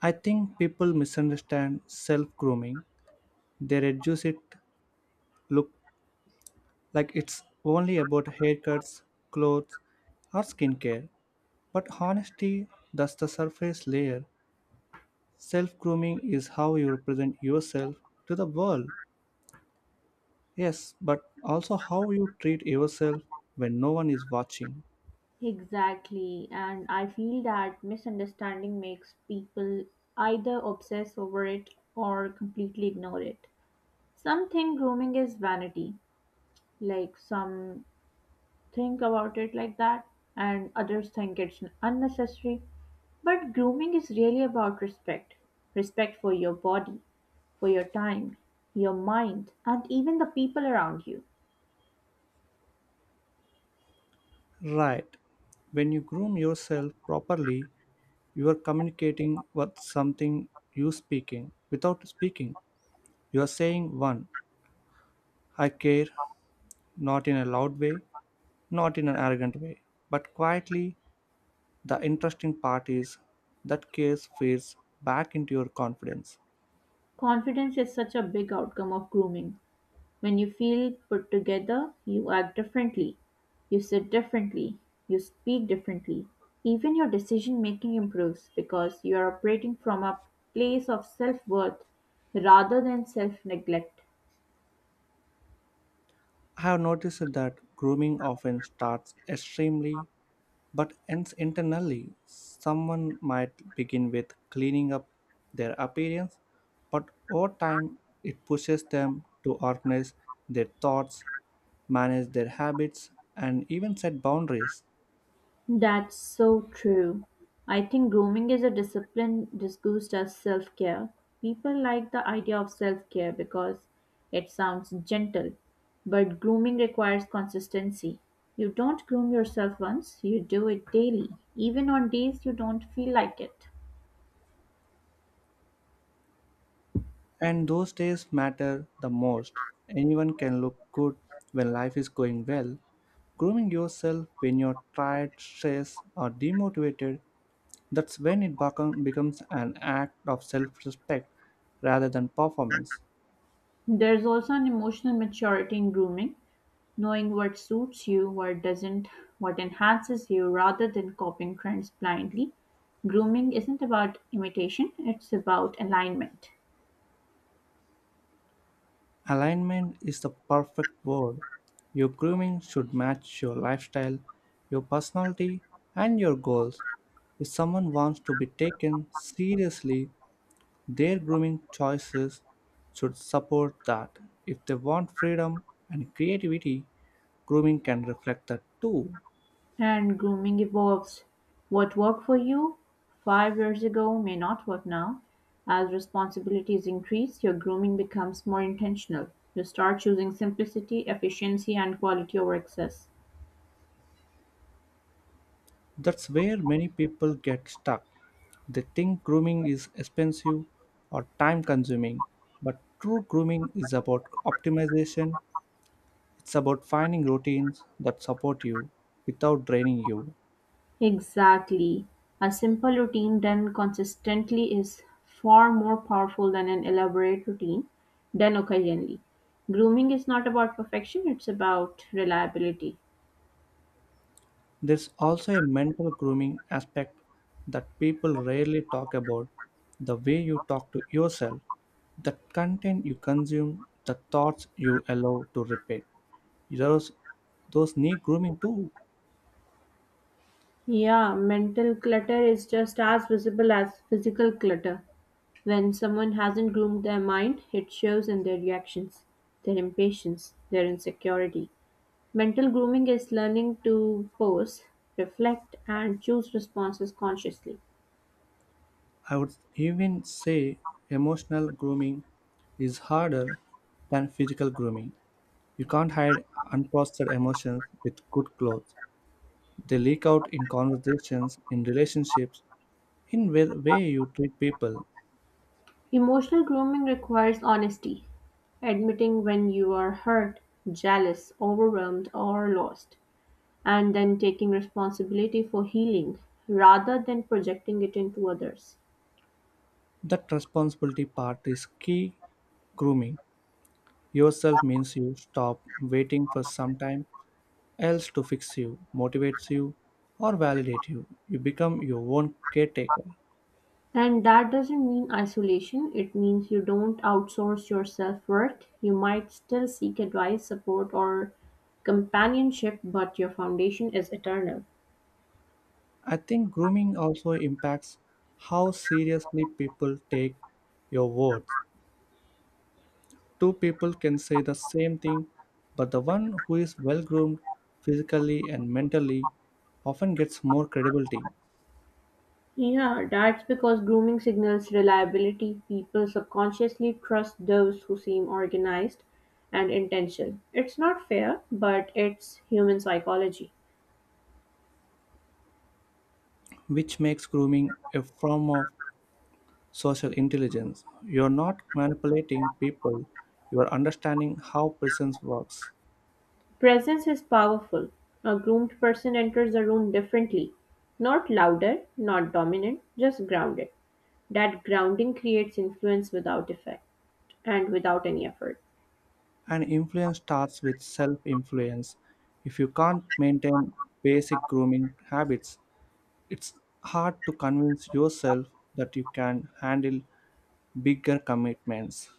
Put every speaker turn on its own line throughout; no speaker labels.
I think people misunderstand self grooming. They reduce it look like it's only about haircuts, clothes, or skincare. But honestly, that's the surface layer. Self grooming is how you represent yourself to the world. Yes, but also how you treat yourself when no one is watching.
Exactly, and I feel that misunderstanding makes people either obsess over it or completely ignore it. Some think grooming is vanity, like some think about it like that, and others think it's unnecessary. But grooming is really about respect for your body, for your time, your mind, and even the people around you.
Right. When you groom yourself properly, you are communicating what something you speaking without speaking. You are saying one, I care, not in a loud way, not in an arrogant way, but quietly. The interesting part is that care fades back into your confidence.
Confidence is such a big outcome of grooming. When you feel put together, you act differently. You sit differently. You speak differently. Even your decision making improves because you are operating from a place of self worth rather than self neglect.
I have noticed that grooming often starts extremely but ends internally. Someone might begin with cleaning up their appearance, but over time it pushes them to organize their thoughts, manage their habits, and even set boundaries.
That's so true. I think grooming is a discipline disguised as self care. People like the idea of self care because it sounds gentle, but grooming requires consistency. You don't groom yourself once, you do it daily, even on days you don't feel like it.
And those days matter the most. Anyone can look good when life is going well. Grooming yourself when you're tired, stressed, or demotivated, that's when it becomes an act of self respect rather than performance.
There's also an emotional maturity in grooming. Knowing what suits you, what doesn't, what enhances you, rather than copying trends blindly. Grooming isn't about imitation, it's about alignment.
Alignment is the perfect word. Your grooming should match your lifestyle, your personality, and your goals. If someone wants to be taken seriously, their grooming choices should support that. If they want freedom and creativity, grooming can reflect that too.
And grooming evolves. What worked for you 5 years ago may not work now. As responsibilities increase, your grooming becomes more intentional. You start choosing simplicity, efficiency, and quality over excess.
That's where many people get stuck. They think grooming is expensive or time consuming, but true grooming is about optimization. It's about finding routines that support you without draining you.
Exactly, a simple routine done consistently is far more powerful than an elaborate routine done occasionally. Grooming is not about perfection, it's about reliability.
There's also a mental grooming aspect that people rarely talk about the way you talk to yourself, the content you consume, the thoughts you allow to repeat. Those, those need grooming too.
Yeah, mental clutter is just as visible as physical clutter. When someone hasn't groomed their mind, it shows in their reactions, their impatience, their insecurity. Mental grooming is learning to pause, reflect, and choose responses consciously.
I would even say emotional grooming is harder than physical grooming. You can't hide unprocessed emotions with good clothes. They leak out in conversations, in relationships, in the way you treat people.
Emotional grooming requires honesty, admitting when you are hurt, jealous, overwhelmed, or lost, and then taking responsibility for healing rather than projecting it into others.
That responsibility part is key. Grooming yourself means you stop waiting for sometime else to fix you, motivates you, or validate you. You become your own caretaker.
And that doesn't mean isolation, it means you don't outsource your self worth. You might still seek advice, support, or companionship, but your foundation is eternal.
I think grooming also impacts how seriously people take your words. Two people can say the same thing, but the one who is well groomed physically and mentally often gets more credibility,
Yeah, that's because grooming signals reliability. People subconsciously trust those who seem organized and intentional. It's not fair, but it's human psychology.
which makes grooming a form of social intelligence. You are not manipulating people, you are understanding how presence works.
Presence is powerful. A groomed person enters a room differently. Not louder, not dominant, just grounded. That grounding creates influence without effect and without any effort.
And influence starts with self influence. If you can't maintain basic grooming habits, it's hard to convince yourself that you can handle bigger commitments.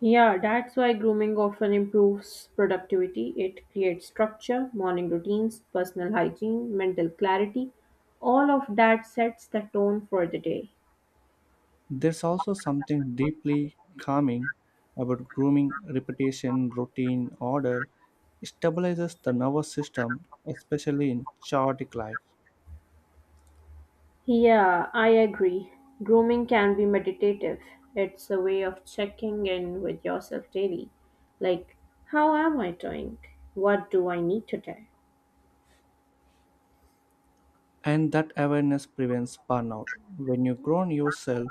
Yeah, that's why grooming often improves productivity. It creates structure, morning routines, personal hygiene, mental clarity. All of that sets the tone for the day.
There's also something deeply calming about grooming, repetition, routine, order. It stabilizes the nervous system, especially in chaotic life.
Yeah, I agree. Grooming can be meditative. It's a way of checking in with yourself daily. Like, how am I doing? What do I need today?
And that awareness prevents burnout. When you grown yourself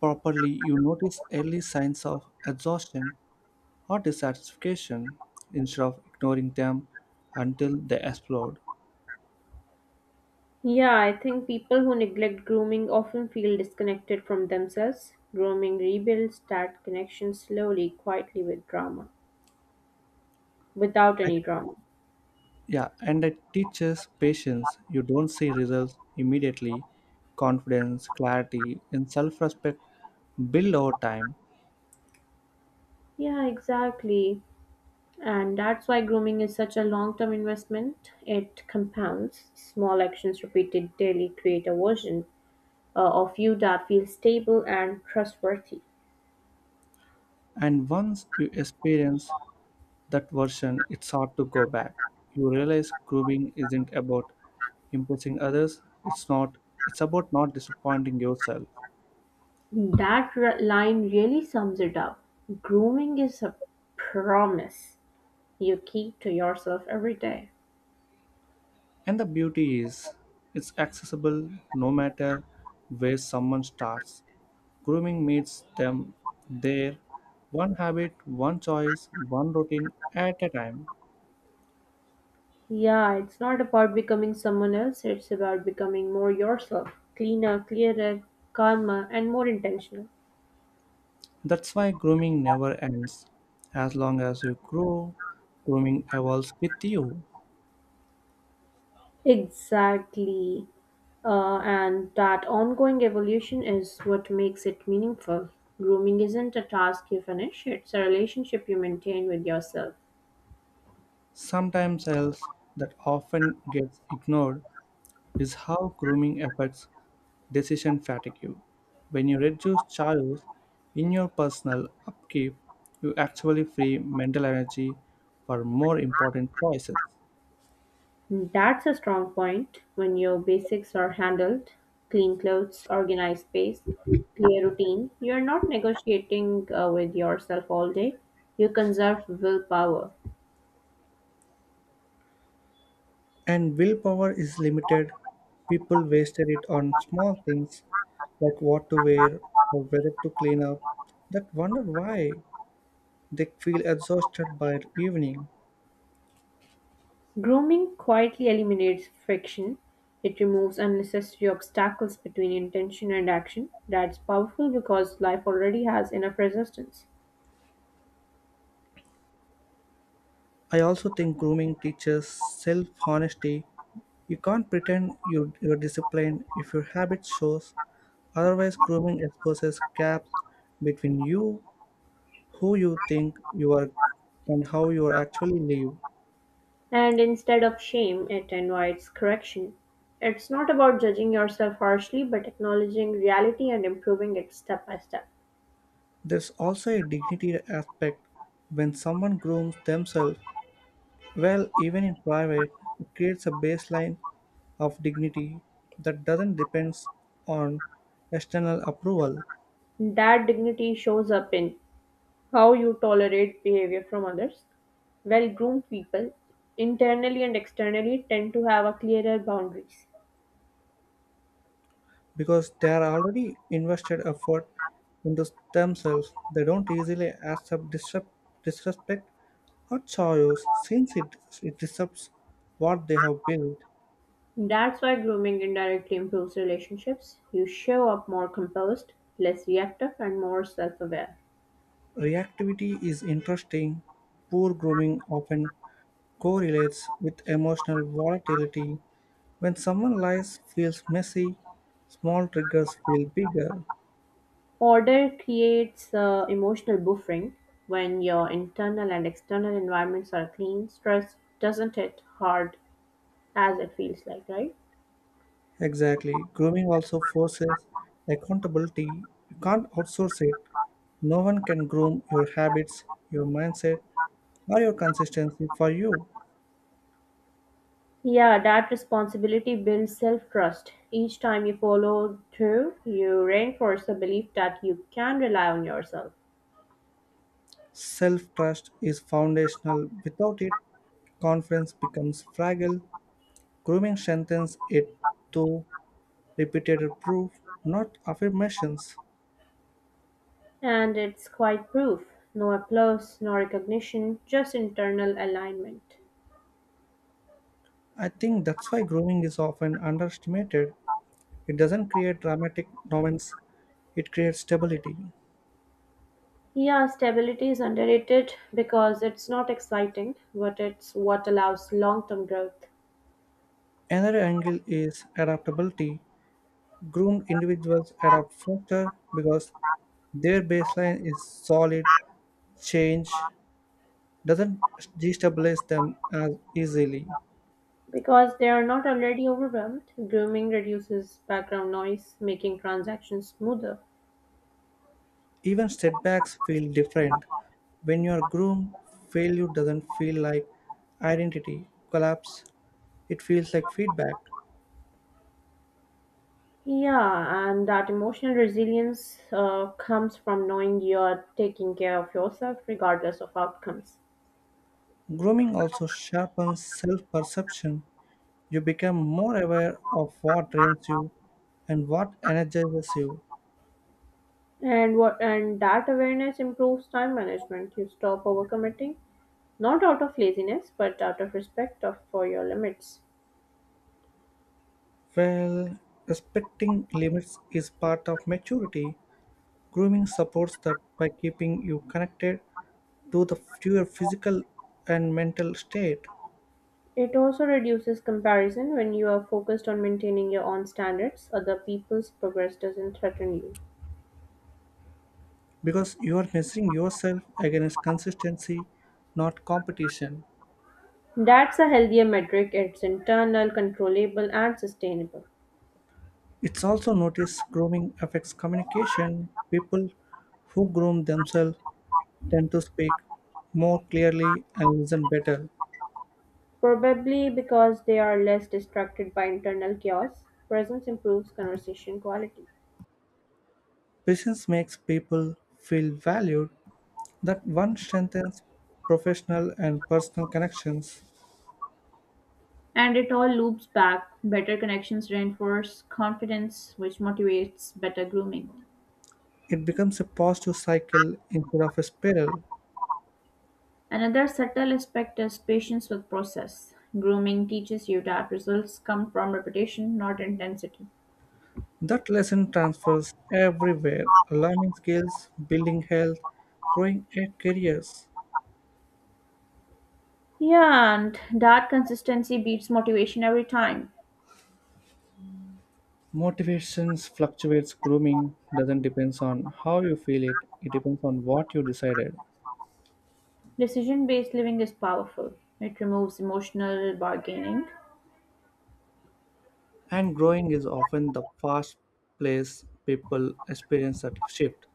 properly, you notice early signs of exhaustion or dissatisfaction instead of ignoring them until they explode.
Yeah, I think people who neglect grooming often feel disconnected from themselves. Grooming rebuilds that connection slowly, quietly with drama, without
I-
any drama.
yeah, and it teaches patience. You don't see results immediately. Confidence, clarity, and self respect build over time.
Yeah, exactly. And that's why grooming is such a long term investment. It compounds. Small actions repeated daily create a version of you that feels stable and trustworthy.
And once you experience that version, it's hard to go back. You realize grooming isn't about impressing others, it's not, it's about not disappointing yourself.
That line really sums it up. Grooming is a promise you keep to yourself every day.
And the beauty is it's accessible no matter where someone starts. Grooming meets them there, one habit, one choice, one routine at a time.
Yeah, it's not about becoming someone else, it's about becoming more yourself, cleaner, clearer, calmer, and more intentional.
That's why grooming never ends. As long as you grow, grooming evolves with you.
Exactly. And that ongoing evolution is what makes it meaningful. Grooming isn't a task you finish, it's a relationship you maintain with yourself.
Sometimes else that often gets ignored is how grooming affects decision fatigue. When you reduce chores in your personal upkeep, you actually free mental energy for more important choices.
That's a strong point. When your basics are handled, clean clothes, organized space, clear routine, you're not negotiating with yourself all day. You conserve willpower.
And willpower is limited. People wasted it on small things like what to wear or whether to clean up that wonder why they feel exhausted by evening.
Grooming quietly eliminates friction. It removes unnecessary obstacles between intention and action. That's powerful because life already has enough resistance.
I also think grooming teaches self honesty. You can't pretend you're disciplined if your habit shows. Otherwise, grooming exposes gaps between you, who you think you are, and how you actually live.
And instead of shame, it invites correction. It's not about judging yourself harshly, but acknowledging reality and improving it step by step.
There's also a dignity aspect when someone grooms themselves well, even in private, it creates a baseline of dignity that doesn't depend on external approval.
That dignity shows up in how you tolerate behavior from others. Well groomed people, internally and externally, tend to have a clearer boundaries.
Because they are already invested effort into themselves. They don't easily accept disrespect or choice since it disrupts what they have built.
That's why grooming indirectly improves relationships. You show up more composed, less reactive, and more self aware.
Reactivity is interesting. Poor grooming often correlates with emotional volatility. When someone lies feels messy, small triggers feel bigger.
Order creates emotional buffering when your internal and external environments are clean. Stress doesn't hit hard as it feels like, right?
Exactly. Grooming also forces accountability. You can't outsource it. No one can groom your habits, your mindset, or your consistency for you.
Yeah, that responsibility builds self trust. Each time you follow through, you reinforce the belief that you can rely on yourself.
Self trust is foundational. Without it, confidence becomes fragile. Grooming strengthens it through repeated proof, not affirmations.
And it's quite proof no applause, no recognition, just internal alignment.
I think that's why grooming is often underestimated. It doesn't create dramatic dominance, it creates stability.
Yeah, stability is underrated because it's not exciting, but it's what allows long term growth.
Another angle is adaptability. Groomed individuals adapt faster because their baseline is solid, change doesn't destabilize them as easily.
Because they are not already overwhelmed, grooming reduces background noise, making transactions smoother.
Even setbacks feel different. When you are groomed, failure doesn't feel like identity collapse, it feels like feedback.
Yeah, and that emotional resilience comes from knowing you're taking care of yourself regardless of outcomes.
Grooming also sharpens self perception. You become more aware of what drains you and what energizes you.
And what and that awareness improves time management. You stop overcommitting, not out of laziness, but out of respect of for your limits.
Well, respecting limits is part of maturity, grooming supports that by keeping you connected to your physical and mental state
It also reduces comparison when you are focused on maintaining your own standards, other people's progress doesn't threaten you.
because you are measuring yourself against consistency, not competition.
That's a healthier metric, it's internal, controllable, and sustainable.
It's also noticed grooming affects communication. People who groom themselves tend to speak more clearly and listen better.
Probably because they are less distracted by internal chaos, presence improves conversation quality.
Patience makes people feel valued. That one strengthens professional and personal connections.
And it all loops back. Better connections reinforce confidence, which motivates better grooming.
It becomes a positive cycle instead of a spiral.
Another subtle aspect is patience with process. Grooming teaches you that results come from repetition, not intensity.
That lesson transfers everywhere learning skills, building health, growing a careers.
Yeah, and that consistency beats motivation every time.
Motivations fluctuates grooming doesn't depends on how you feel it, it depends on what you decided.
Decision based living is powerful, it removes emotional bargaining.
And growing is often the fast place people experience that shift.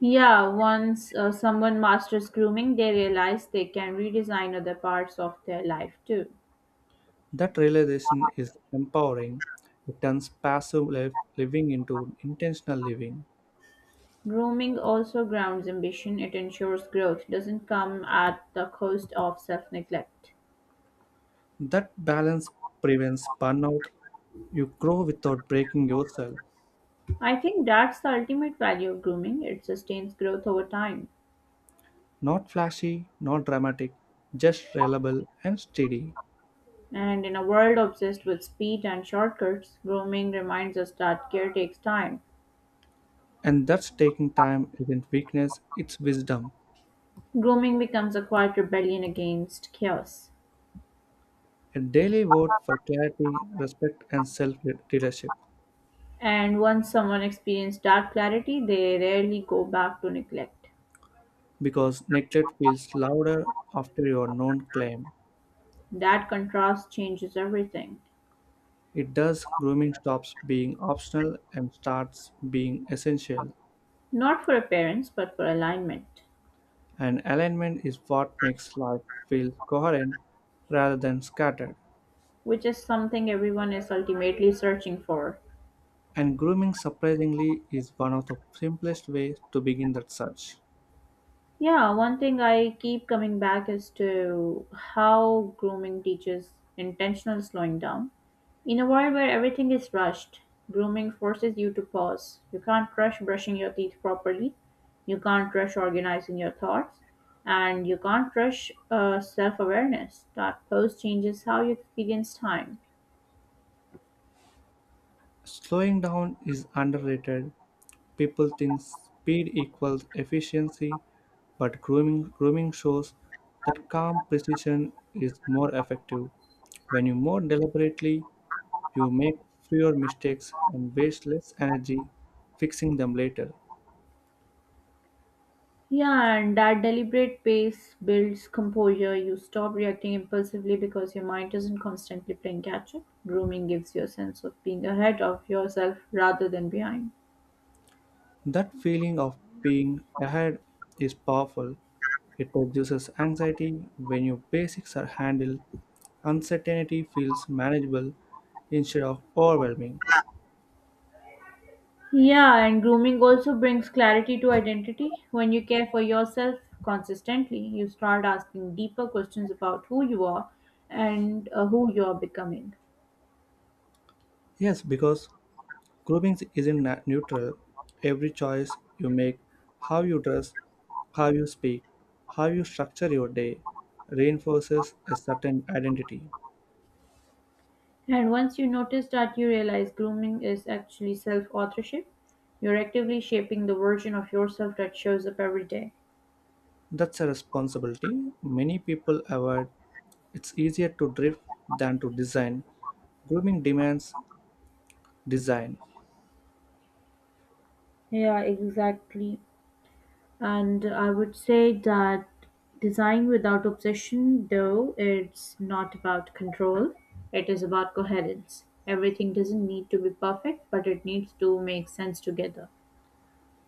Yeah, once someone masters grooming, they realize they can redesign other parts of their life too.
That realization is empowering. It turns passive life living into intentional living.
Grooming also grounds ambition, it ensures growth doesn't come at the cost of self neglect.
That balance prevents burnout. You grow without breaking yourself.
I think that's the ultimate value of grooming. It sustains growth over time.
Not flashy, not dramatic, just reliable and steady.
And in a world obsessed with speed and shortcuts, grooming reminds us that care takes time.
And that's taking time isn't weakness, it's wisdom.
Grooming becomes a quiet rebellion against chaos.
A daily vote for clarity, respect, and self leadership.
And once someone experiences that clarity, they rarely go back to neglect.
Because neglect feels louder after your known claim.
That contrast changes everything.
It does, grooming stops being optional and starts being essential.
Not for appearance, but for alignment,
And alignment is what makes life feel coherent rather than scattered.
which is something everyone is ultimately searching for.
And grooming, surprisingly, is one of the simplest ways to begin that search.
Yeah, one thing I keep coming back is to how grooming teaches intentional slowing down. In a world where everything is rushed, grooming forces you to pause. You can't rush brushing your teeth properly, you can't rush organizing your thoughts, and you can't rush self awareness. That pause changes how you experience time.
Slowing down is underrated. People think speed equals efficiency, but grooming shows that calm precision is more effective. When you more deliberately you make fewer mistakes and waste less energy fixing them later.
Yeah, and that deliberate pace builds composure. You stop reacting impulsively because your mind isn't constantly playing catch up. Grooming gives you a sense of being ahead of yourself rather than behind.
That feeling of being ahead is powerful. It reduces anxiety when your basics are handled. Uncertainty feels manageable instead of overwhelming.
Yeah, and grooming also brings clarity to identity. When you care for yourself consistently, you start asking deeper questions about who you are and who you are becoming.
Yes, because grooming isn't neutral. Every choice you make, how you dress, how you speak, how you structure your day, reinforces a certain identity.
And once you notice that, you realize grooming is actually self authorship. You're actively shaping the version of yourself that shows up every day.
That's a responsibility many people avoid. It's easier to drift than to design. Grooming demands design.
Yeah, exactly. And I would say that design without obsession, though, it's not about control, it is about coherence. Everything doesn't need to be perfect, but it needs to make sense together.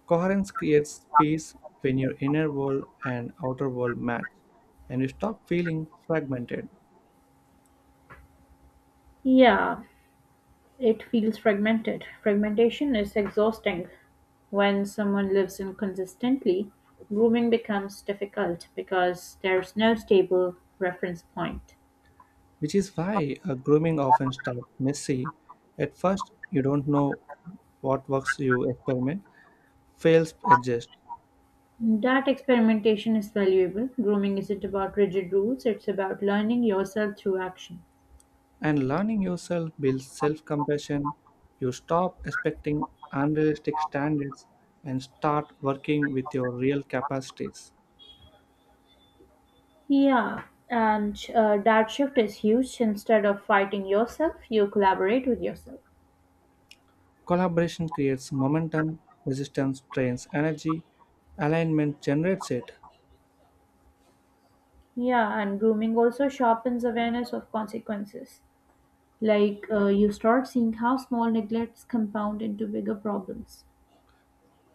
Coherence creates peace when your inner world and outer world match, and you stop feeling fragmented,
Yeah, it feels fragmented. Fragmentation is exhausting. When someone lives inconsistently, grooming becomes difficult because there's no stable reference point.
which is why a grooming often starts messy. At first, you don't know what works, you experiment, fails, adjust.
That experimentation is valuable. Grooming isn't about rigid rules, it's about learning yourself through action.
And learning yourself builds self compassion. You stop expecting unrealistic standards and start working with your real capacities.
Yeah, and that shift is huge. Instead of fighting yourself, you collaborate with yourself.
Collaboration creates momentum, resistance drains energy, alignment generates it,
Yeah, and grooming also sharpens awareness of consequences. Like you start seeing how small neglects compound into bigger problems.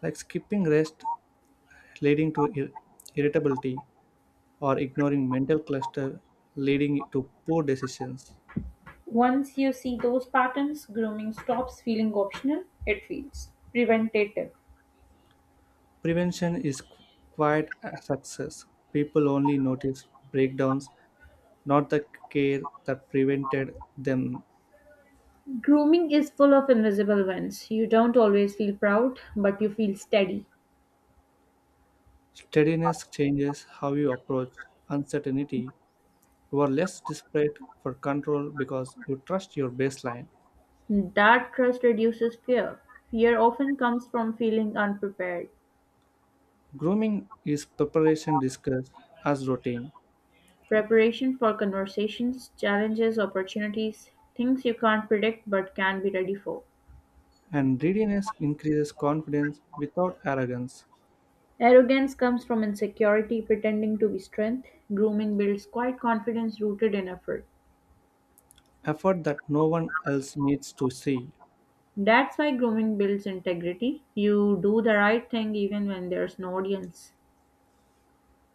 like skipping rest leading to irritability or ignoring mental cluster leading to poor decisions.
Once you see those patterns, grooming stops feeling optional, it feels preventative.
Prevention is quiet success. People only notice breakdowns not the care that prevented them.
Grooming is full of invisible wins, you don't always feel proud but you feel steady.
Steadiness changes how you approach uncertainty. You are less desperate for control because you trust your baseline.
That trust reduces Fear often comes from feeling unprepared.
Grooming is preparation discussed as routine,
Preparation for conversations, challenges, opportunities, things you can't predict but can be ready for.
and readiness increases confidence without arrogance,
Arrogance comes from insecurity pretending to be strength. Grooming builds quiet confidence rooted in effort.
effort that no one else needs to see.
That's why grooming builds integrity. You do the right thing even when there's no audience.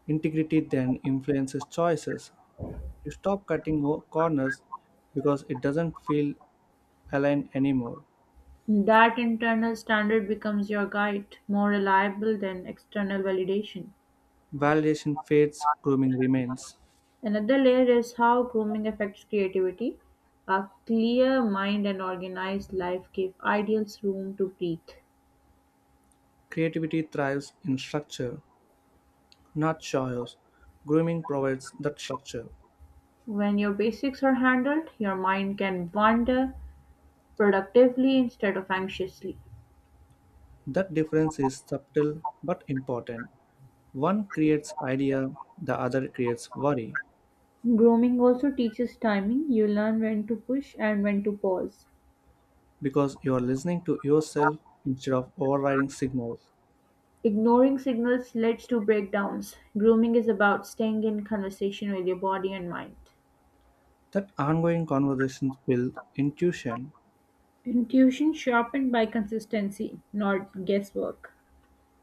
Integrity then influences choices. You stop cutting corners because it doesn't feel aligned anymore.
That internal standard becomes your guide, more reliable than external validation.
Validation fades, grooming remains.
Another layer is how grooming affects creativity. A clear mind and organized life give ideals room to breathe.
Creativity thrives in structure, not chaos. Grooming provides that structure.
When your basics are handled, your mind can wander productively instead of anxiously.
That difference is subtle but important. One creates idea, the other creates worry,
Grooming also teaches timing. You learn when to push and when to pause.
because you are listening to yourself instead of overriding signals.
Ignoring signals leads to breakdowns. Grooming is about staying in conversation with your body and mind.
That ongoing conversations build intuition,
Intuition sharpened by consistency, not guesswork.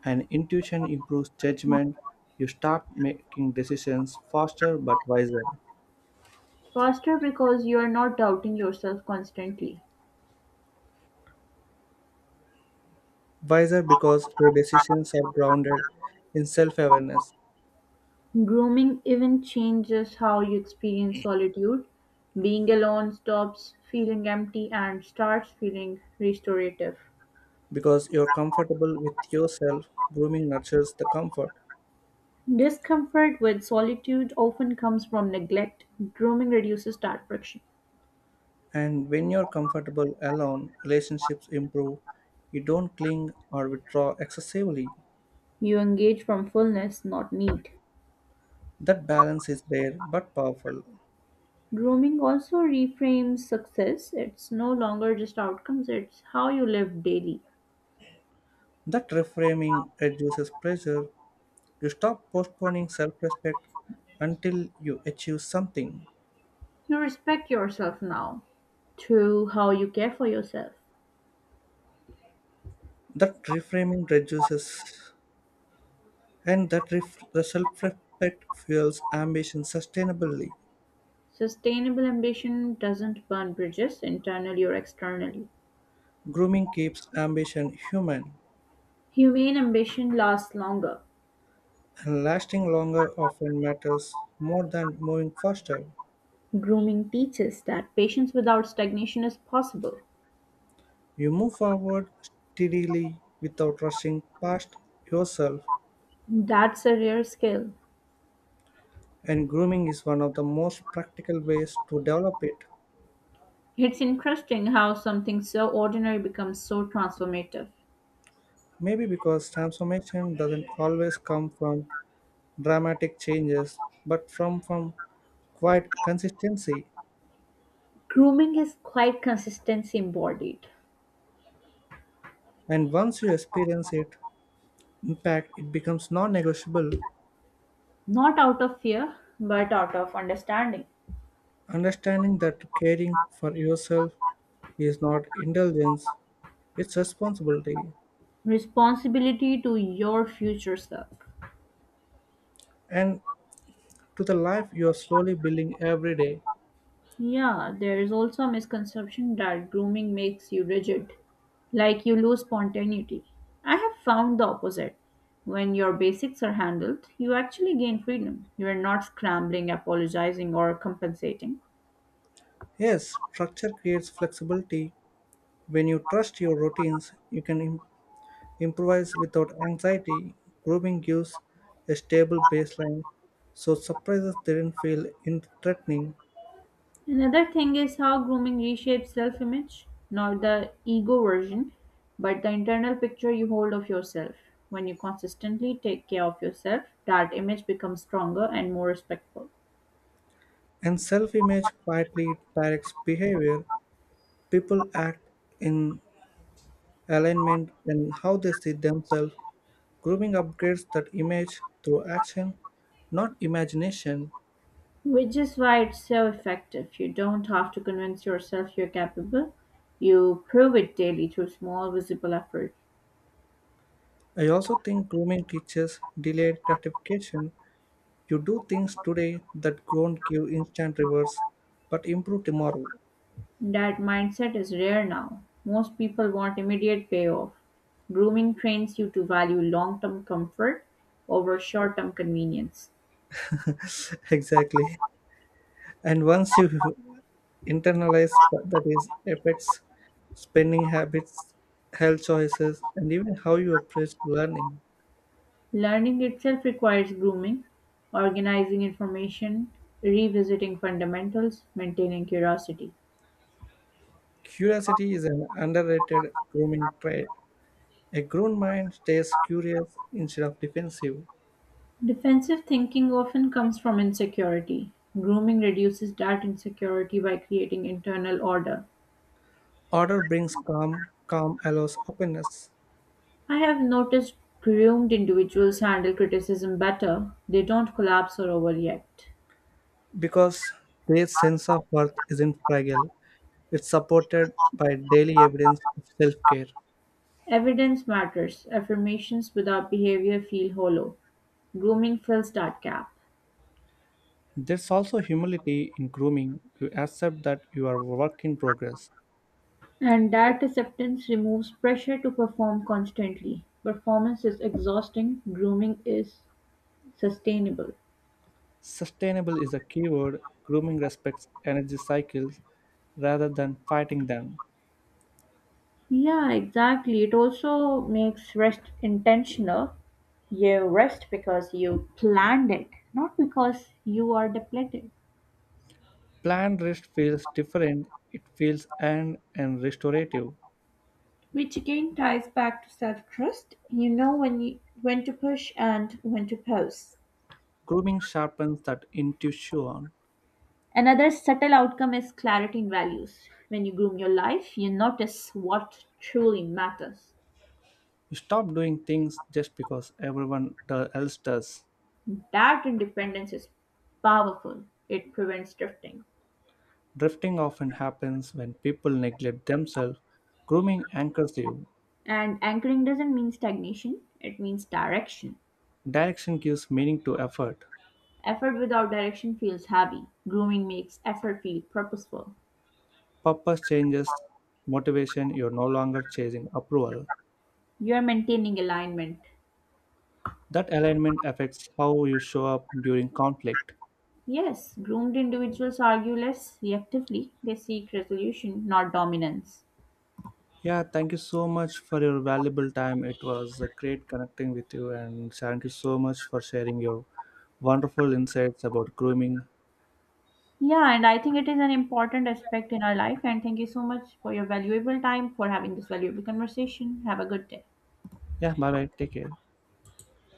and intuition improves judgment. You start making decisions faster but wiser.
Faster because you are not doubting yourself constantly.
Wiser because your decisions are grounded in self awareness,
Grooming even changes how you experience solitude. Being alone stops feeling empty and starts feeling restorative.
because you're comfortable with yourself, grooming nurtures the comfort.
Discomfort with solitude often comes from neglect. Grooming reduces that friction.
And when you're comfortable alone, relationships improve. You don't cling or withdraw excessively.
You engage from fullness, not need.
That balance is rare but powerful.
Grooming also reframes success. It's no longer just outcomes, it's how you live daily.
That reframing reduces pressure. You stop postponing self respect until you achieve something.
You respect yourself now through how you care for yourself.
That reframing reduces. And the self-respect fuels ambition sustainably.
Sustainable ambition doesn't burn bridges internally or externally.
Grooming keeps ambition human,
Humane ambition lasts longer.
and lasting longer often matters more than moving faster.
Grooming teaches that patience without stagnation is possible.
You move forward steadily without rushing past yourself,
That's a rare skill.
and grooming is one of the most practical ways to develop it.
It's interesting how something so ordinary becomes so transformative.
Maybe because transformation doesn't always come from dramatic changes, but from quiet consistency.
Grooming is quite consistency embodied,
And once you experience it, in fact, it becomes non negotiable.
not out of fear, but out of understanding.
Understanding that caring for yourself is not indulgence, it's responsibility,
Responsibility to your future self.
and to the life you are slowly building every day.
Yeah, there is also a misconception that grooming makes you rigid, like you lose spontaneity. I have found the opposite. When your basics are handled, you actually gain freedom. You are not scrambling, apologizing, or compensating.
Yes, structure creates flexibility. When you trust your routines, you can improvise without anxiety. Grooming gives a stable baseline, so surprises didn't feel in threatening.
Another thing is how grooming reshapes self image, not the ego version, but the internal picture you hold of yourself. When you consistently take care of yourself, that image becomes stronger and more respectful.
And self image quietly directs behavior. People act in alignment, and how they see themselves. Grooming upgrades that image through action, not imagination.
Which is why it's so effective. You don't have to convince yourself you're capable, you prove it daily through small, visible effort.
I also think grooming teaches delayed gratification. You do things today that don't give instant rewards, but improve tomorrow.
That mindset is rare now. Most people want immediate payoff. Grooming trains you to value long term comfort over short term convenience.
Exactly. And once you internalize what that is affects spending habits, health choices, and even how you approach learning.
Learning itself requires grooming, organizing information, revisiting fundamentals, maintaining curiosity.
Curiosity is an underrated grooming trait. A grown mind stays curious instead of defensive.
Defensive thinking often comes from insecurity. Grooming reduces that insecurity by creating internal order.
Order brings calm, calm allows openness
I have noticed groomed individuals handle criticism better. They don't collapse or overreact.
because their sense of worth isn't fragile. It's supported by daily evidence of self care.
Evidence matters. Affirmations without behavior feel hollow. Grooming fills that gap.
There's also humility in grooming. You accept that you are a work in progress.
And that acceptance removes pressure to perform constantly. Performance is exhausting, grooming is sustainable.
Sustainable is a keyword. Grooming respects energy cycles rather than fighting them.
Yeah, exactly. It also makes rest intentional. You rest because you planned it, not because you are depleted.
Planned rest feels different. It feels earned and restorative.
Which again ties back to self-trust. You know when to push and when to pause.
Grooming sharpens that intuition.
Another subtle outcome is clarity in values. When you groom your life, you notice what truly matters.
You stop doing things just because everyone else does.
That independence is powerful. It prevents drifting.
Drifting often happens when people neglect themselves. Grooming anchors you.
And anchoring doesn't mean stagnation, it means direction.
Direction gives meaning to effort.
Effort without direction feels heavy. Grooming makes effort feel purposeful.
Purpose changes motivation. You're no longer chasing approval.
You're maintaining alignment.
That alignment affects how you show up during conflict.
Yes, groomed individuals argue less reactively. They seek resolution, not dominance.
Yeah, thank you so much for your valuable time. It was a great connecting with you, and thank you so much for sharing your wonderful insights about grooming.
Yeah, and I think it is an important aspect in our life. And thank you so much for your valuable time, for having this valuable conversation. Have a good day.
Yeah, bye bye. Take care.